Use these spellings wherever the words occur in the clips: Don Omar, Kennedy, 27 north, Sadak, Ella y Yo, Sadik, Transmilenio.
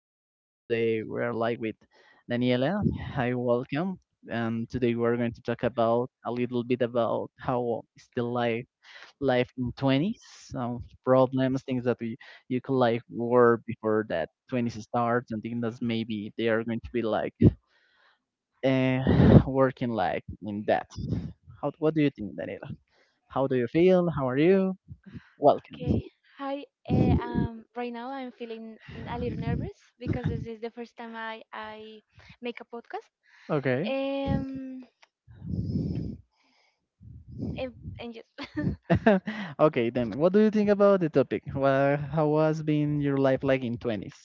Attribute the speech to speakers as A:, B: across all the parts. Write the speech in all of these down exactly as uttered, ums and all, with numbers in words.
A: podcast. Today we're live with Daniela. Hi, welcome. And today we're going to talk about a little bit about how is the life life in twenties, some problems, things that we you could like were before that twenties starts, and things that maybe they are going to be like uh, working like in that. How what do you think, Daniela? How do you feel? How are you? Welcome.
B: Okay. Hi. Uh, um, right now I'm feeling n- a little nervous because this is the first time I, I make a podcast.
A: Okay.
B: Um, and, and yes.
A: Okay, then what do you think about the topic? Well, how has been your life like in twenties?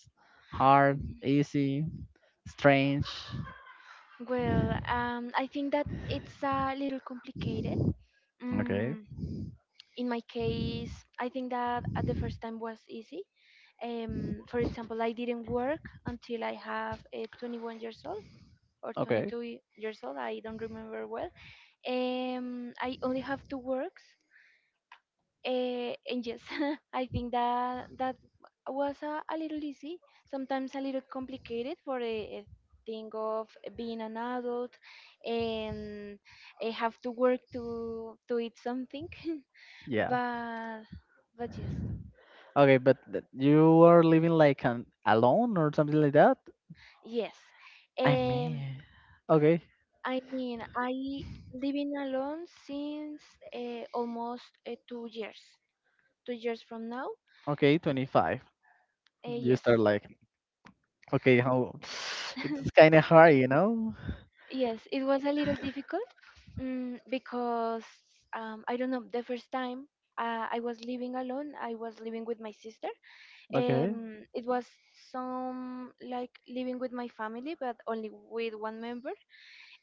A: Hard, easy, strange?
B: Well, um, I think that it's a little complicated.
A: Okay,
B: Mm, in my case, I think that at the first time was easy. Um, for example, I didn't work until I have uh, twenty-one years old or
A: okay,
B: twenty-two years old. I don't remember well. Um, I only have two works, uh, and yes, I think that that was a, a little easy, sometimes a little complicated for a, a thing of being an adult and I have to work to to eat something.
A: yeah.
B: but but yes,
A: Okay, but th- you are living like an alone or something like that?
B: yes.
A: I
B: Um,
A: mean, okay,
B: I mean, I living alone since uh, almost uh, two years, two years from now.
A: okay, twenty-five.
B: Uh,
A: You
B: yes.
A: start like, okay, how it's kind of hard, you know?
B: Yes, it was a little difficult mm, because um, I don't know. The first time uh, I was living alone, I was living with my sister.
A: Okay,
B: Um, it was some like living with my family, but only with one member.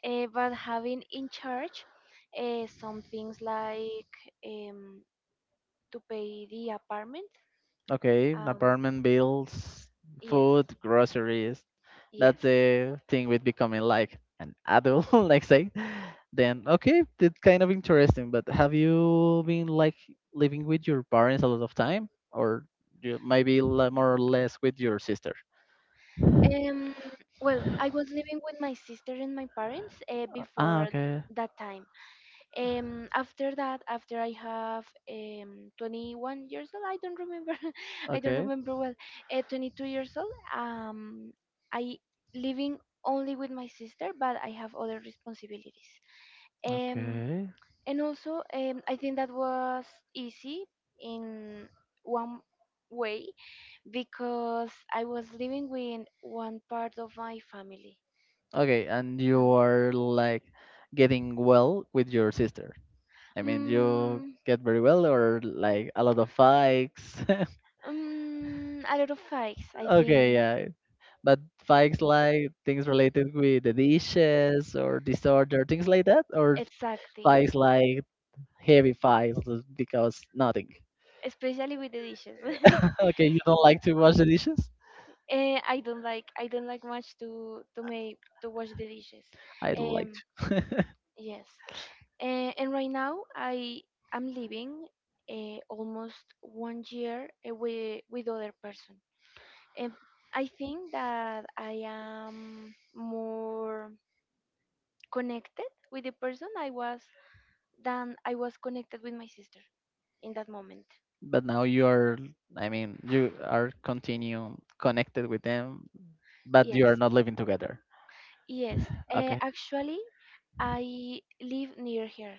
B: Uh, but having in charge uh, some things like um, to pay the apartment.
A: okay,
B: Um,
A: apartment bills,
B: yes,
A: food, groceries.
B: yes.
A: That's the thing with becoming like an adult, like say, then okay, that's kind of interesting. But have you been like living with your parents a lot of time, or you maybe li- more or less with your sister? Uh,
B: Um, well, I was living with my sister and my parents uh,
A: Ah,
B: before
A: okay,
B: that time. Um, after that, after I have um, twenty-one years old, I don't remember, I don't
A: okay,
B: remember well, uh, twenty-two years old, um, I living only with my sister, but I have other responsibilities. Um,
A: okay,
B: and also, um, I think that was easy in one way because I was living with one part of my family.
A: okay. And you
B: Um,
A: are like getting well with your sister. I mean, you
B: Mm,
A: get very well, or like a lot of fights.
B: mm, a lot of fights, I think.
A: Okay, yeah. But fights like things related with the dishes or disorder, things like that, or
B: Exactly.
A: fights like heavy fights because nothing.
B: Especially with the dishes.
A: Okay, you don't like to wash the dishes?
B: Eh, I don't like I don't like much to to make to wash the dishes.
A: I don't like
B: Um,
A: to.
B: yes. Eh, and right now I am living uh, almost one year away with other person. Um, I think that I am more connected with the person I was than I was connected with my sister in that moment.
A: But now you are, I mean, you are continue connected with them, but
B: Yes,
A: you are not living together.
B: yes. Uh,
A: Okay.
B: actually, I live near here,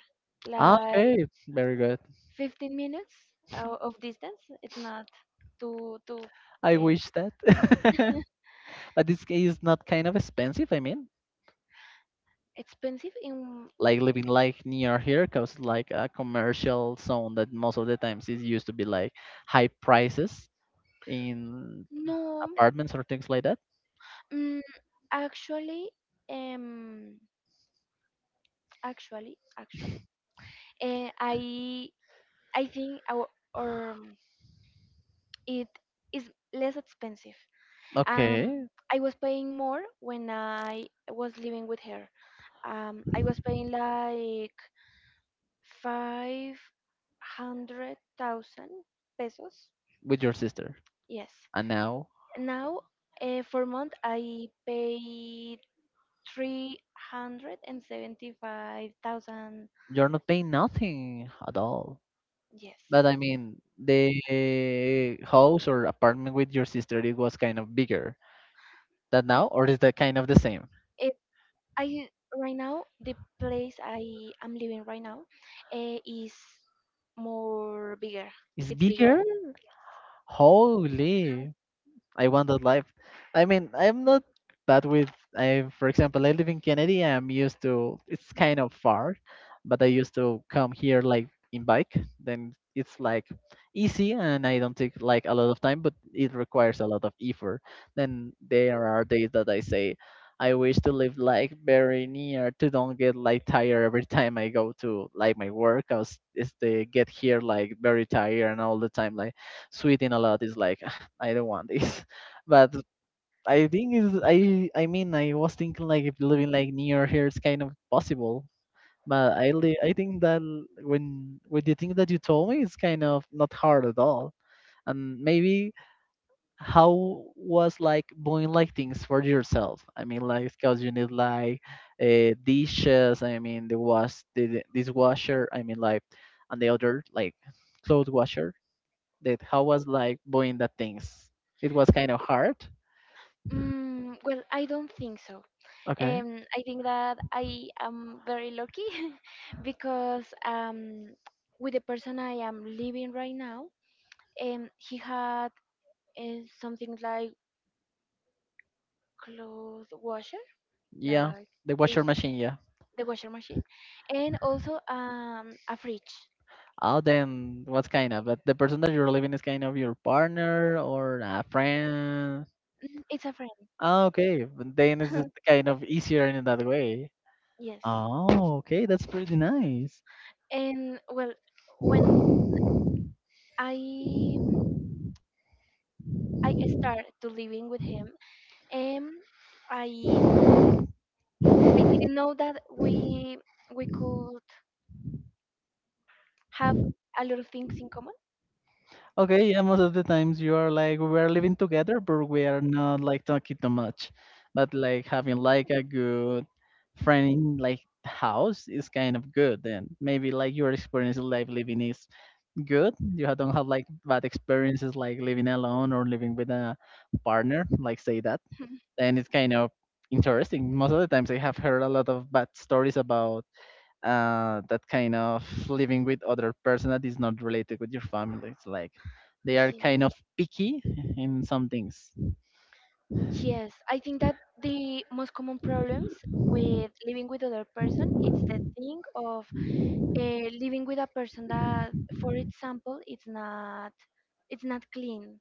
A: Ah,
B: like
A: okay, very good.
B: fifteen minutes o- of distance. It's not too too
A: I
B: uh,
A: wish that. But this is not kind of expensive, I mean.
B: expensive. In
A: Like living like near here because like a commercial zone that most of the times is used to be like high prices in
B: no,
A: apartments or things like that.
B: mm, actually, um, actually, actually, and I I think our, our um, it is less expensive. Um,
A: Okay
B: I was paying more when I was living with her. Um, I was paying like five hundred thousand pesos.
A: with your sister
B: Yes.
A: and now
B: Now, uh, for month, I pay three hundred and seventy-five thousand.
A: you're not paying nothing at all,
B: Yes.
A: but I mean the house or apartment with your sister it was kind of bigger than now or is that kind of the same?
B: I Right now, the place I am living right now uh, is more bigger.
A: It's
B: It's bigger.
A: bigger. Holy, I want that life. I mean, I'm not bad with. I, for example, I live in Kennedy. I'm used to. It's kind of far, but I used to come here like in bike. Then it's like easy, and I don't take like a lot of time, but it requires a lot of effort. Then there are days that I say, I wish to live like very near to don't get like tired every time I go to like my work. I was is they get here like very tired and all the time like sweating a lot is like I don't want this. But I think is I I mean I was thinking like if living like near here is kind of possible. But I li- I think that l- when with the thing that you told me, it's kind of not hard at all. And maybe how was like buying like things for yourself? I mean, like because you need like uh, dishes. I mean, the wash the the dishwasher. I mean, like and the other like clothes washer. That how was like buying that things? It was kind of hard.
B: Mm, well, I don't think so. Um, I think that I am very lucky because um, with the person I am living right now, um, he had uh, something like clothes washer,
A: Yeah,
B: like
A: the
B: this,
A: washer machine. Yeah.
B: the washer machine, and also um, a fridge.
A: Oh, then what's kind of? But the person that you're living is kind of your partner or a friend.
B: It's a friend.
A: Oh, okay. But then it's kind of easier in that way.
B: Yes.
A: Oh, okay. That's pretty nice.
B: And well, when i i started to living with him, um i i didn't know that we we could have a lot of things in common.
A: Okay, yeah, most of the times you are like we are living together, but we are not like talking too much. But like having like a good friend in like house is kind of good. Then maybe like your experience in life living is good. You ha- don't have like bad experiences like living alone or living with a partner, like say that. And it's kind of interesting. Most of the times I have heard a lot of bad stories about uh, that kind of living with other person that is not related with your family. It's like they are kind of picky in some things.
B: Yes, I think that the most common problems with living with other person is the thing of uh, living with a person that, for example, it's not it's not clean,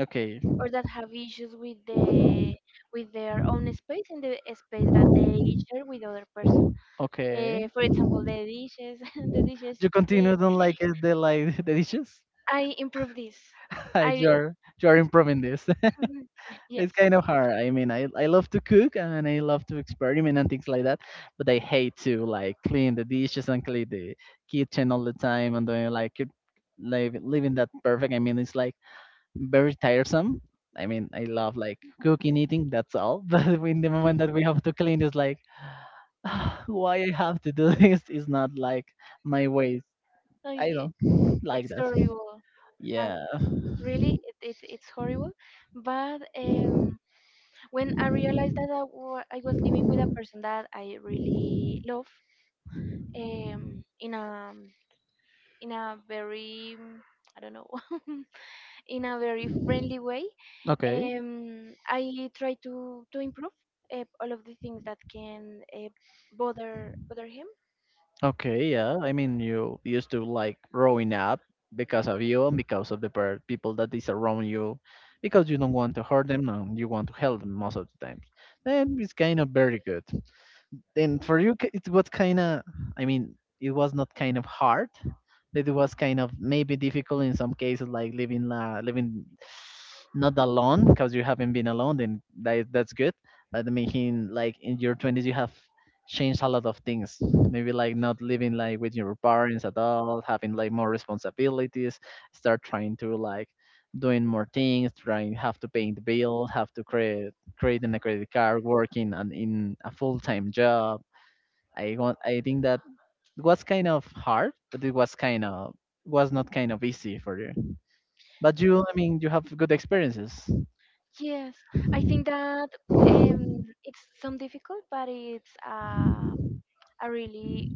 A: Okay,
B: or that have issues with the with their own space and the space that they share with other person.
A: okay.
B: Uh, for example, the dishes, the dishes
A: You
B: thing.
A: continue don't like it, the like the dishes.
B: I improve this.
A: Hi,
B: I
A: you are you are improving this.
B: yes.
A: It's kind of hard. I mean, I I love to cook and I love to experiment and things like that, but I hate to like clean the dishes and clean the kitchen all the time and doing like keep live, living that perfect. I mean, it's like very tiresome. I mean, I love like cooking, eating. That's all. But in the
B: Mhm.
A: moment that we have to clean, it's like why I have to do this is not like my ways.
B: No,
A: I
B: y-
A: don't like
B: it's
A: that.
B: horrible. Um,
A: Yeah.
B: Really, it, it, it's horrible. But um, when I realized that I wa- I was living with a person that I really love, um, in a in a very, mm, I don't know, in a very friendly way.
A: Okay.
B: Um, I try to to improve uh, all of the things that can uh, bother bother him.
A: Okay, yeah. I mean, you used to like growing up because of you and because of the per- people that is around you, because you don't want to hurt them and you want to help them most of the times. Then it's kind of very good. Then for you, k- it was kind of, I mean, it was not kind of hard, it was kind of maybe difficult in some cases, like living uh, living not alone because you haven't been alone, then that, is- that's good. But I mean, like in your twenties, you have changed a lot of things. Maybe like not living like with your parents at all, having like more responsibilities, start trying to like doing more things, trying have to pay the bill, have to create creating a credit card, working and in a full time job. I want I think that it was kind of hard, but it was kind of was not kind of easy for you. But you, I mean, you have good experiences.
B: Yes, I think that um, it's some difficult, but it's um, a really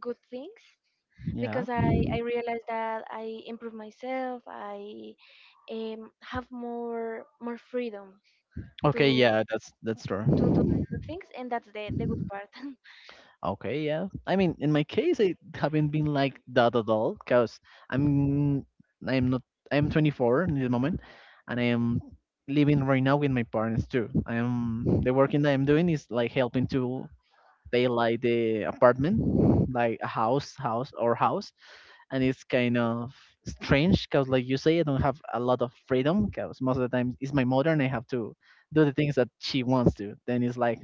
B: good thing
A: Yeah.
B: because I, I realized that I improve myself. I um, have more more freedom
A: Okay.
B: to.
A: Yeah. That's that's
B: to do
A: true.
B: other things, and that's the the good part.
A: Okay. Yeah. I mean, in my case, I haven't been like that at all because I'm I'm not I'm twenty-four in this moment, and I am living right now with my parents too. I am the working that I'm doing is like helping to pay like the apartment, like a house, house or house, and it's kind of strange because like you say I don't have a lot of freedom because most of the time it's my mother and I have to do the things that she wants to then it's like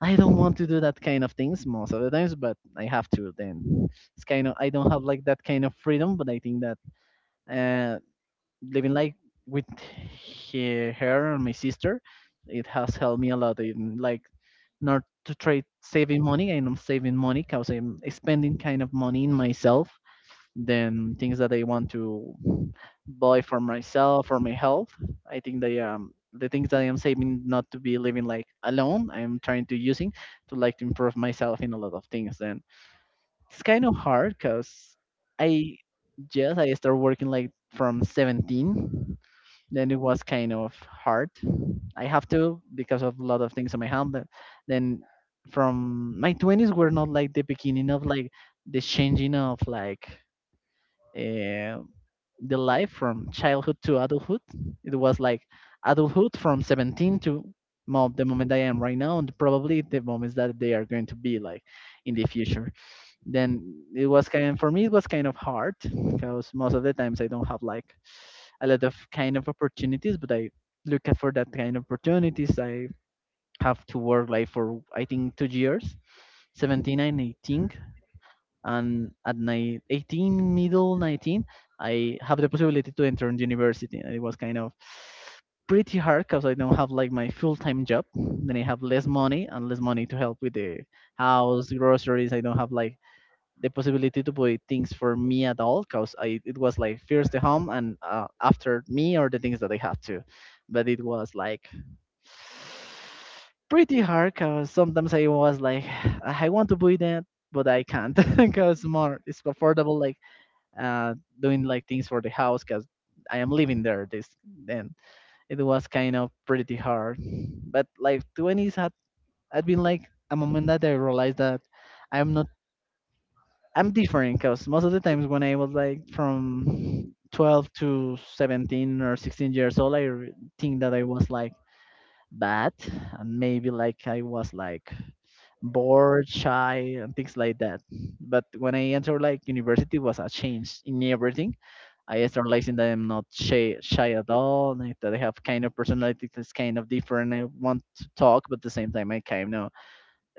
A: I don't want to do that kind of things most of the times but I have to then it's kind of I don't have like that kind of freedom but I think that uh living like with he, her and my sister it has helped me a lot in like not to try saving money and I'm saving money because I'm spending kind of money in myself than things that I want to buy for myself for my health. I think they um the things that I am saving not to be living like alone. I am trying to using to like to improve myself in a lot of things. And it's kind of hard because I just I started working like from seventeen. Then it was kind of hard. I have to because of a lot of things on my hand. But then from my twenties were not like the beginning of like the changing of like uh, the life from childhood to adulthood. It was like adulthood from seventeen to mo- the moment I am right now, and probably the moments that they are going to be like in the future. Then it was kind for me, it was kind of hard because most of the times I don't have like a lot of kind of opportunities, but I look at for that kind of opportunities. I have to work like for I think two years, 17 and 18 and at nine, eighteen middle nineteen I have the possibility to enter in university and it was kind of pretty hard because I don't have like my full-time job then I have less money and less money to help with the house groceries I don't have like the possibility to buy things for me at all because I it was like first the home and uh, after me or the things that I have to but it was like pretty hard because sometimes I was like, I want to do that, but I can't because more it's comfortable like uh doing like things for the house because I am living there. This then it was kind of pretty hard, but like twenties had had been like a moment that I realized that I'm not I'm different, because most of the times when I was like from twelve to seventeen or sixteen years old, I re- think that I was like bad, and maybe like i was like bored, shy, and things like that. But when I entered like university, was a change in everything. I started realizing that I'm not shy, shy at all, like, that I have kind of personality that's kind of different. I want to talk, but at the same time I kind of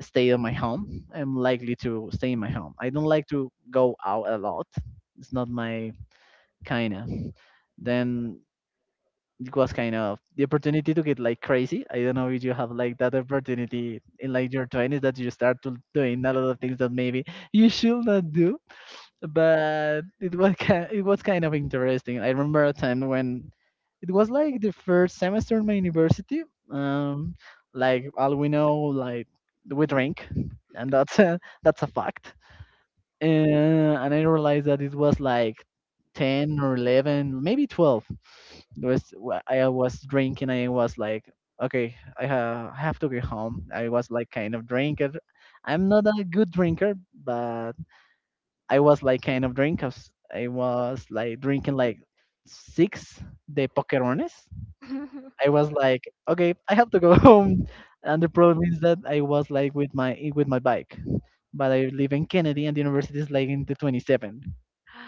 A: stay in my home. I'm likely to stay in my home. I don't like to go out a lot. It's not my kind of. Then it was kind of the opportunity to get like crazy. I don't know if you have like that opportunity in like your twenties, that you start to doing a lot of things that maybe you should not do. But it was ki- it was kind of interesting. I remember a time when it was like the first semester in my university. Um, like all we know, like, we drink, and that's a, that's a fact. And and I realized that it was like ten or eleven, maybe twelve. It was wh- I was drinking. I was like, okay, I ha- have to go home. I was like kind of drinker. I'm not a good drinker, but I was like kind of drinker. I was like drinking like six de pokerones. I was like, okay, I have to go home. And the problem is that I was like with my with my bike, but I live in Kennedy, and the university is like in the twenty-seven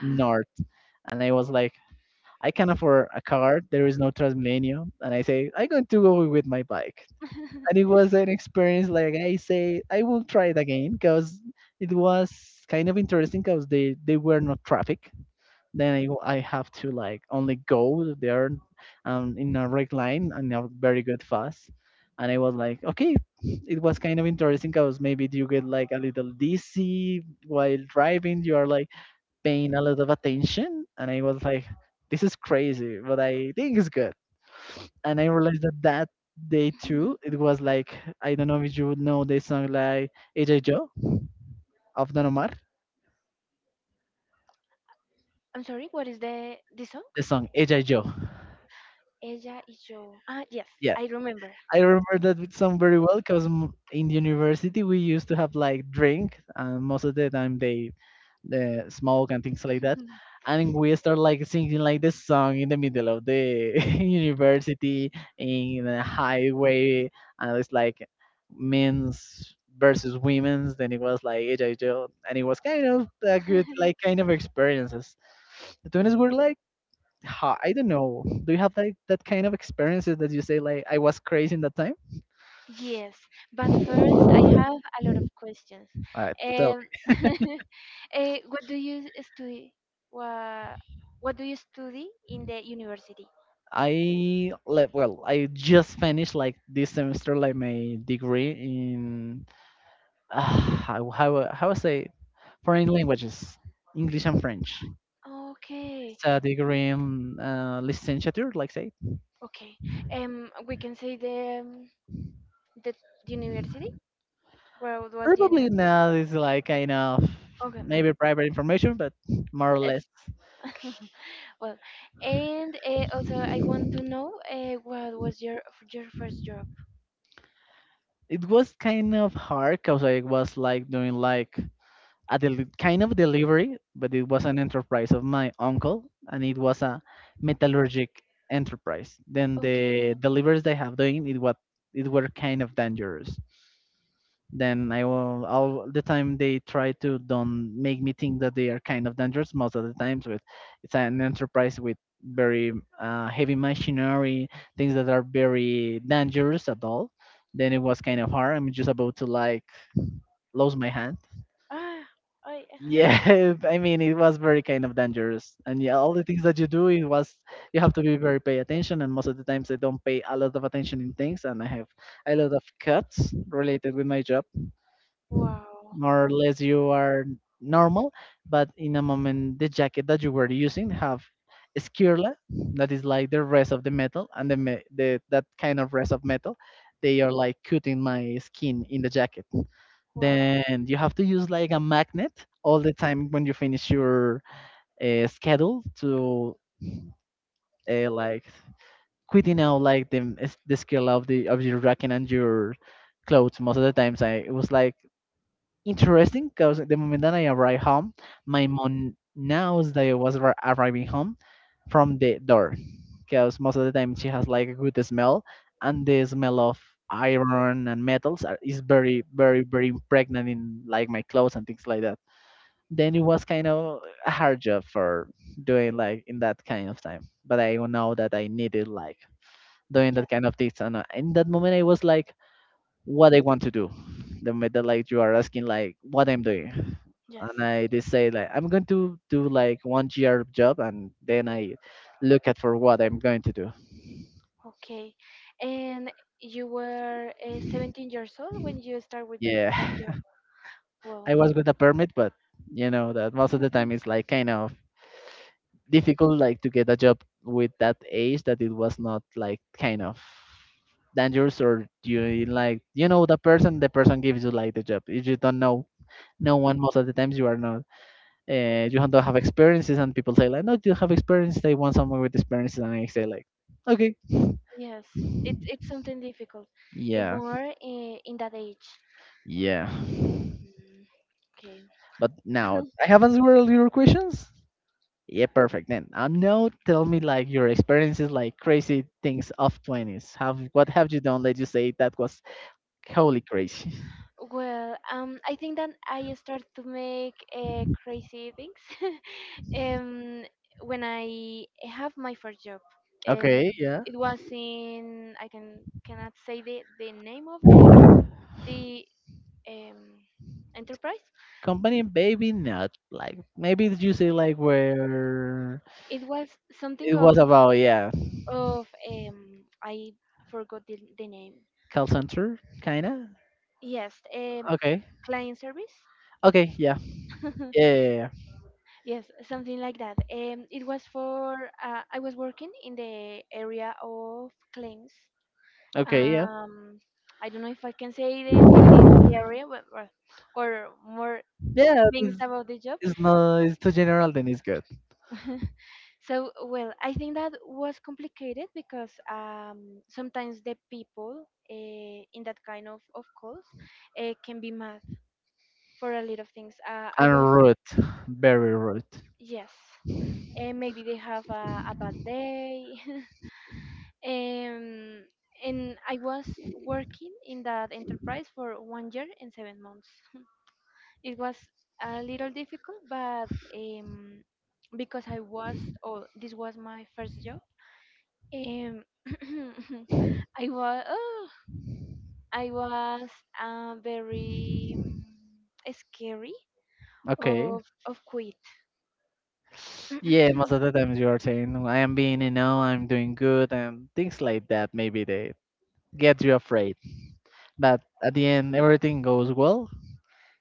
A: north. And I was like, I can't afford a car. There is no Transmilenio. And I say, I'm going to go with my bike. And it was an experience like I say, I will try it again because it was kind of interesting because they, they were not traffic. Then I, I have to like only go there, um, in a right line and a very good fast. And I was like, okay, it was kind of interesting because maybe you get like a little dizzy while driving. You are like paying a lot of attention, and I was like, this is crazy, but I think it's good. And I realized that that day too, it was like, I don't know if you would know the song like Ella y Yo of Don Omar,
B: I'm sorry, what is the the song?
A: the song Ella y Yo.
B: Ella y yo. Ah, yes,
A: Yeah,
B: I remember.
A: I remember that with some very well because in the university we used to have like drink, and most of the time they uh, smoke and things like that. And we start like singing like this song in the middle of the university, in a highway, and it's like men's versus women's. Then it was like ella y yo, and it was kind of a good, like, kind of experiences. The twins were like, ha- I don't know. Do you have like that kind of experiences that you say like I was crazy in that time?
B: Yes, but first I have a lot of questions.
A: Uh, totally.
B: Um, eh, what do you study? What, what do you study in the university?
A: I like, well, I just finished like this semester like my degree in uh, how how how I say, foreign languages, English and French.
B: Okay,
A: It's a degree in uh, licenciature, like say.
B: okay. Um, we can say the um, the university. Where was the
A: Probably
B: university?
A: now is like kind of
B: Okay, no.
A: maybe private information, but more or less.
B: It's well, and uh, also I want to know uh, what was your your first job?
A: It was kind of hard because I was like doing like a deli- kind of delivery, but it was an enterprise of my uncle, and it was a metallurgic enterprise. Then the
B: Okay.
A: deliveries they have doing it what it were kind of dangerous. Then I will all the time they try to don't make me think that they are kind of dangerous most of the times with it's an enterprise with very uh, heavy machinery, things that are very dangerous at all. Then it was kind of hard. I'm just about to like lose my hand.
B: Ah, I
A: Yeah, I mean, it was very kind of dangerous, and yeah, all the things that you do, it was you have to be very pay attention, and most of the times I don't pay a lot of attention in things, and I have a lot of cuts related with my job.
B: wow,
A: More or less you are normal, but in a moment the jacket that you were using have skirla, that is like the rest of the metal, and the, me- the that kind of rest of metal, they are like cutting my skin in the jacket.
B: wow.
A: Then you have to use like a magnet all the time when you finish your uh, schedule to uh, like quitting out like the m- s- the skirla of the of your jacket and your clothes most of the times. I it was like interesting because the moment that I arrived home, my mom knows that I was arri- arriving home from the door, because most of the time she has like a good smell, and the smell of iron and metals are, is very very very impregnant in like my clothes and things like that. Then it was kind of a hard job for doing like in that kind of time, but I know that I needed like doing
B: Yes,
A: that kind of things. And uh, in that moment I was like what I want to do. The moment that, like, you are asking like what I'm doing,
B: yes.
A: and I decide like I'm going to do like one year job and then I look at for what I'm going to do.
B: Okay, and you were uh, seventeen years old when you start with
A: Yeah,
B: that job. Wow.
A: I was with a permit, but you know that most of the
B: Mhm.
A: time it's like kind of difficult, like to get a job with that age, that it was not like kind of dangerous, or you, like, you know the person. The person gives you like the job. If you don't know no one, most of the times you are not uh, you don't have experiences, and people say like, no, you have experience, they want someone with experiences, and I say like, okay.
B: Yes, it's it's something difficult, and
A: Yeah,
B: more uh, in that age.
A: yeah.
B: Mm, okay.
A: But now I have answered all your questions. Yeah, perfect. Then uh, now tell me like your experiences, like crazy things of twenties. Have what have you done? Let you say that was wholly crazy.
B: Well, um, I think that I start to make uh, crazy things um, when I have my first job.
A: Okay,
B: Um,
A: yeah.
B: it was in, I can cannot say the, the name of the the um, enterprise.
A: Company baby not like maybe did you say like where
B: It was
A: it
B: something
A: was
B: of
A: about, yeah,
B: of um, I forgot the, the name.
A: call center kinda.
B: Yes, um,
A: Okay.
B: client service.
A: Okay, yeah. Yeah, yeah, yeah.
B: Yes, something like that. Um, it was for, uh, I was working in the area of claims.
A: Okay, yeah.
B: Um, I don't know if I can say the, the, the area, but, or, or more
A: Yeah,
B: things
A: it's,
B: about the job.
A: it's not, it's too general, then it's good.
B: So, well, I think that was complicated because um, sometimes the people, uh, in that kind of, of calls, uh, can be mad for a lot of things. Uh, I
A: And
B: was,
A: rude, very rude.
B: yes, and maybe they have a, a bad day. Um, and I was working in that enterprise for one year and seven months. It was a little difficult, but um, because I was, oh, this was my first job. Um, I was, oh, I was uh, very, um, scary
A: Okay.
B: of of quit.
A: Yeah, most of the times you are saying, "No, I am being, you know, I'm doing good and things like that. Maybe they get you afraid. But at the end, everything goes well."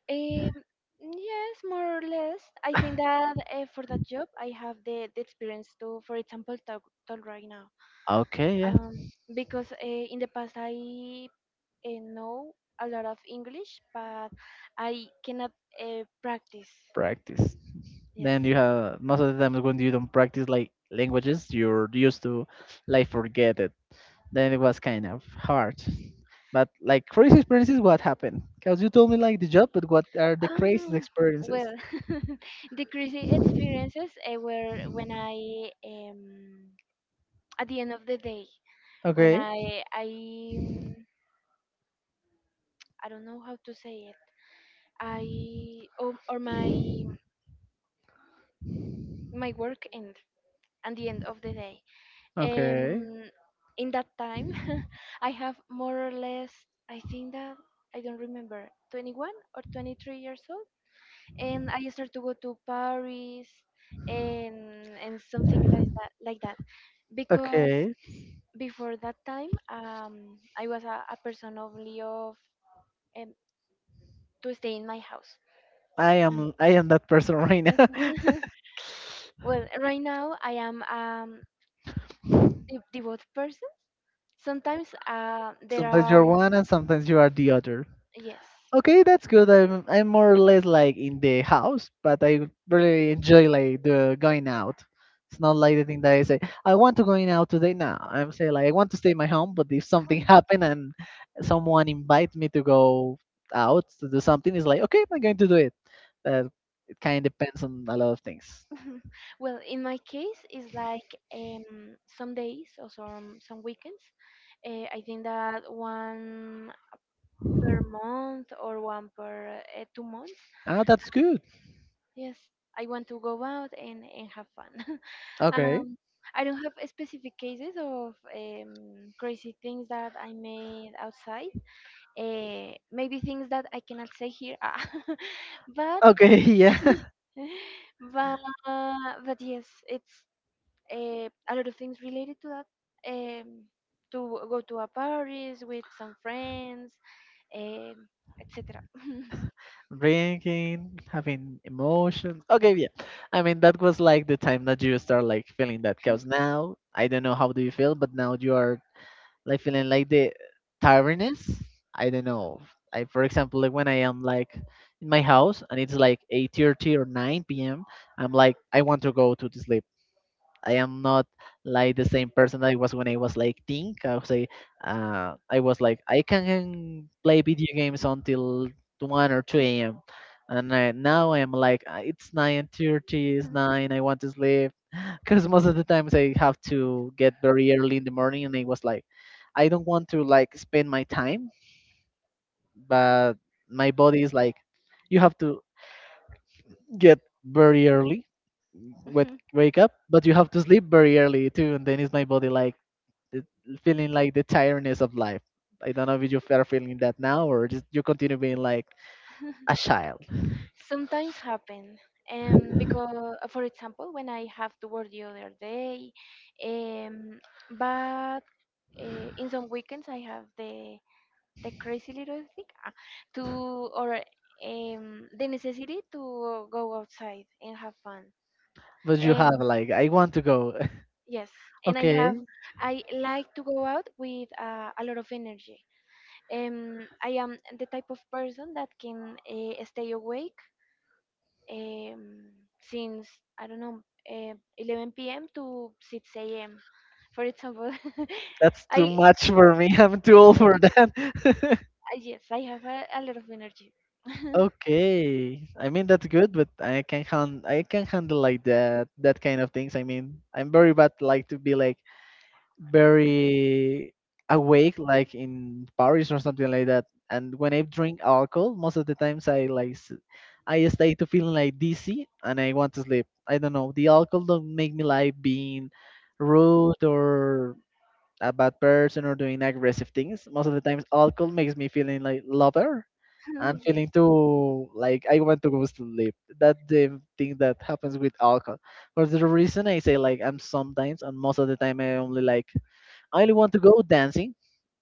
B: Um, yes, more or less. I think that uh, for that job, I have the, the experience to, for example, talk, talk right now.
A: Okay, yeah.
B: um, because uh, in the past I uh, know a lot of English, but I cannot uh, practice.
A: Practice.
B: Yes.
A: Then you have, most of the times when you don't practice like languages, you're used to like forget it. Then it was kind of hard. But like crazy experiences, what happened? Because you told me like the job, but what are the craziest
B: Um,
A: experiences?
B: well, the crazy experiences uh, were when I, um, at the end of the day, when
A: Okay.
B: I I um, I don't know how to say it. I or, or my my work end at the end of the day.
A: Okay.
B: Um, in that time, I have, more or less, I think that I don't remember, twenty-one or twenty-three years old, and I started to go to Paris and and something like that, like that, because
A: Okay.
B: before that time, um, I was a, a person only of, um, to stay in my house.
A: I
B: And
A: am I am that person right now.
B: well, right now I am um a devout person. Sometimes uh, there
A: Sometimes
B: are
A: you're one and sometimes you are the other.
B: yes.
A: Okay, that's good. I'm I'm more or less like in the house, but I really enjoy like the going out. It's not like the thing that I say I want to going out today. Now I'm saying like I want to stay in my home, but if something happen and someone invite me to go out to do something, it's like, okay, I'm going to do it. But it kind of depends on a lot of things.
B: Well, in my case, it's like, um, some days or some some weekends. Uh, I think that one per month or one per, uh, two months.
A: Oh, that's good.
B: Yes, I want to go out and, and have fun.
A: Okay.
B: um, I don't have specific cases of, um, crazy things that I made outside. Uh, maybe things that I cannot say here. Ah. but
A: Okay, yeah.
B: but but yes, it's uh, a lot of things related to that. Um, to go to a Paris with some friends, um, et cetera
A: Drinking, having emotions. Okay, yeah. I mean, that was like the time that you start like feeling that. Cause now I don't know how do you feel, but now you are like feeling like the tiredness. I don't know. I, for example, like when I am like in my house and it's like eight thirty or nine p m, I'm like I want to go to sleep. I am not like the same person I was when I was like teen. I would say uh, I was like I can play video games until one or two a m. And I, now I'm like, "Uh, it's nine thirty, it's nine. I want to sleep because most of the times I have to get very early in the morning, and I was like, I don't want to like spend my time, but my body is like, you have to get very early with
B: Mhm.
A: wake up, but you have to sleep very early too." And then is my body like, the- feeling like the tiredness of life. I don't know if you are feeling that now or just you continue being like a child,
B: Sometimes happen, and because, for example, when I have to work the other day, um but uh, in some weekends I have the the crazy little thing, ah, to, or um the necessity to go outside and have fun.
A: but you have
B: um
A: like I want to go.
B: Yes, and I have
A: Okay,
B: I like to go out with uh, a lot of energy. Um, I am the type of person that can uh, stay awake, um, since I don't know, uh, eleven p m to six a m. For example,
A: that's
B: I
A: too much for me. I'm too old for
B: yes,
A: that.
B: I yes, I have a, a lot of energy.
A: Okay, I mean, that's good, but I can hand I can handle like that that kind of things. I mean I'm very bad like to be like very awake like in Paris or something like that. And when I drink alcohol, most of the times i like s- i stay to feeling like dizzy and I want to sleep. I don't know, the alcohol don't make me like being rude or a bad person or doing aggressive things. Most of the times alcohol makes me feeling like lover, and
B: Yes.
A: feeling too like I want to go to sleep. That's the thing that happens with alcohol. For the reason I say like I'm sometimes and most of the time I only like I only want to go dancing,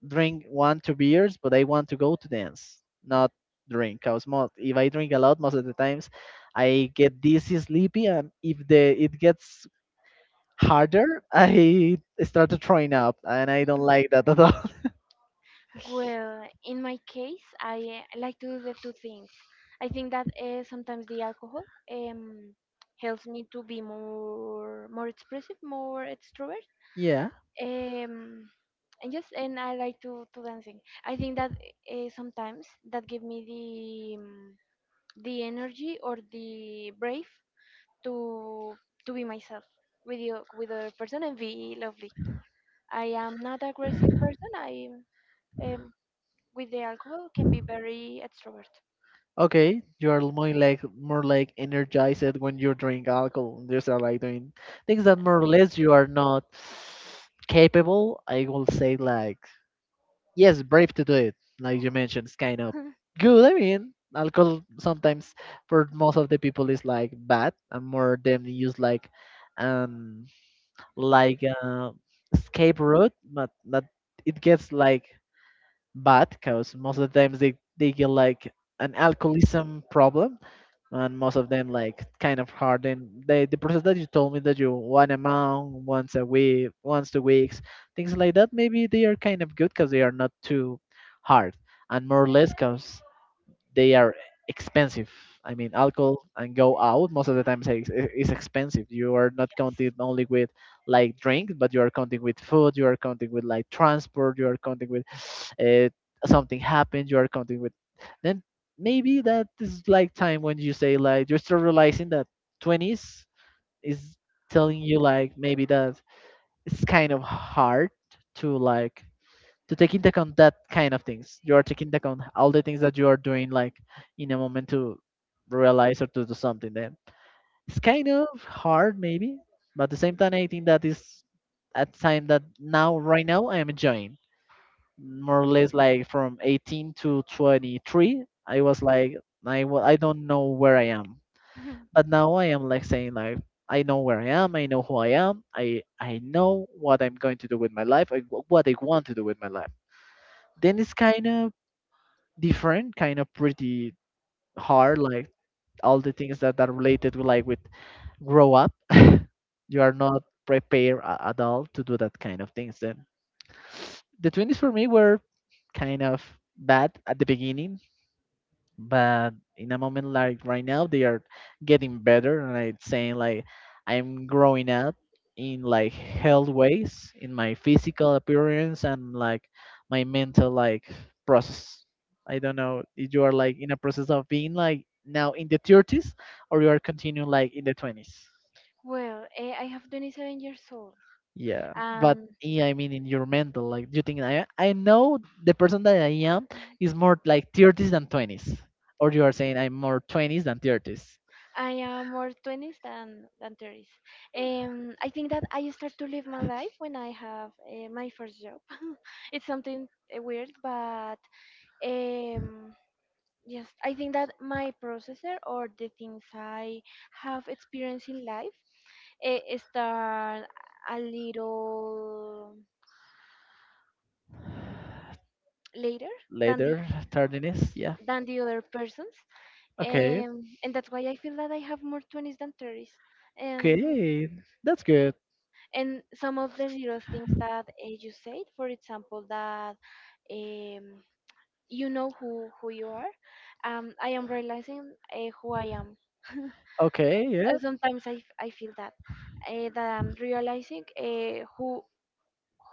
A: drink one, two beers, but I want to go to dance, not drink. Cause most, if I drink a lot, most of the times, I get dizzy, sleepy, and if the it gets harder, I start throwing up, and I don't like that at all.
B: Well, in my case, I uh, like to do the two things. I think that uh, sometimes the alcohol um, helps me to be more more expressive, more extrovert.
A: Yeah.
B: Um, and yes, and I like to, to dancing. I think that uh, sometimes that give me the um, the energy or the brave to to be myself with the, with other person and be lovely. I am not aggressive person. I am with the alcohol can be very extrovert.
A: Okay, you are more like more like energized when you drink alcohol. You start like doing things that more or less you are not capable. I will say like yes, brave to do it. Like you mentioned, it's kind of good. I mean, alcohol sometimes for most of the people is like bad, and more them use like um like uh, escape route, but but it gets like bad because most of the times they they get like an alcoholism problem, and most of them like kind of hard. And the, the process that you told me that you one a month, once a week, once two weeks, things like that maybe they are kind of good because they are not too hard, and more or less cause they are expensive. I mean, alcohol and go out most of the time is, ex- is expensive. You are not counting only with like drink, but you are counting with food. You are counting with like transport. You are counting with uh, something happened. You are counting with then maybe that is like time when you say like you're still realizing that twenties is telling you like maybe that it's kind of hard to like to take into account that kind of things. You are taking into account all the things that you are doing, like in a moment to realize or to do something. Then it's kind of hard, maybe, but at the same time, I think that is a time that now, right now, I am enjoying more or less like from eighteen to twenty-three. I was like, I, wa- I don't know where I am, but now I am like saying like. I know where I am. I know who I am. I I know what I'm going to do with my life. I, what I want to do with my life, then it's kind of different, kind of pretty hard, like all the things that are related with like with grow up. You are not prepared a- at all to do that kind of things. Then the twenties for me were kind of bad at the beginning, but in a moment like right now they are getting better and I am saying like I'm growing up in like health ways, in my physical appearance and like my mental like process. I don't know if you are like in a process of being like now in the thirties or you are continuing like in the twenties.
B: Well, eh, I have twenty-seven years old.
A: Yeah. But
B: Um,
A: yeah, I mean in your mental like you think i i know the person that I am is more like thirties than twenties, or you are saying I'm more twenties than thirties.
B: I am more twenties than than thirties. Um, I think that I start to live my life when I have uh, my first job. It's something uh, weird, but um, yes, I think that my processor, or the things I have experienced in life, uh, start a little later than the
A: Later. Tardiness, yeah.
B: than the other persons,
A: Okay.
B: um, and that's why I feel that I have more twenties than thirties. And
A: Okay, that's good.
B: and some of the little things that uh, you said, for example, that, um, you know who who you are, um, I am realizing uh, who I am.
A: Okay,
B: Uh,
A: yeah.
B: sometimes i, f- I feel that, uh, that I'm realizing uh, who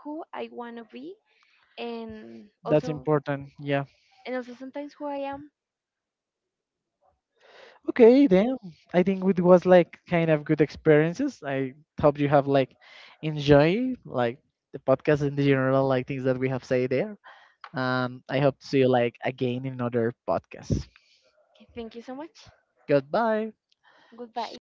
B: who I want to be, and
A: That's
B: also
A: important, yeah.
B: and also sometimes who I am.
A: Okay, then I think it was like kind of good experiences. I hope you have like enjoy like the podcast in the general like things that we have say there. um I hope to see you like again in another podcast.
B: Okay, thank you so much.
A: Goodbye.
B: Goodbye.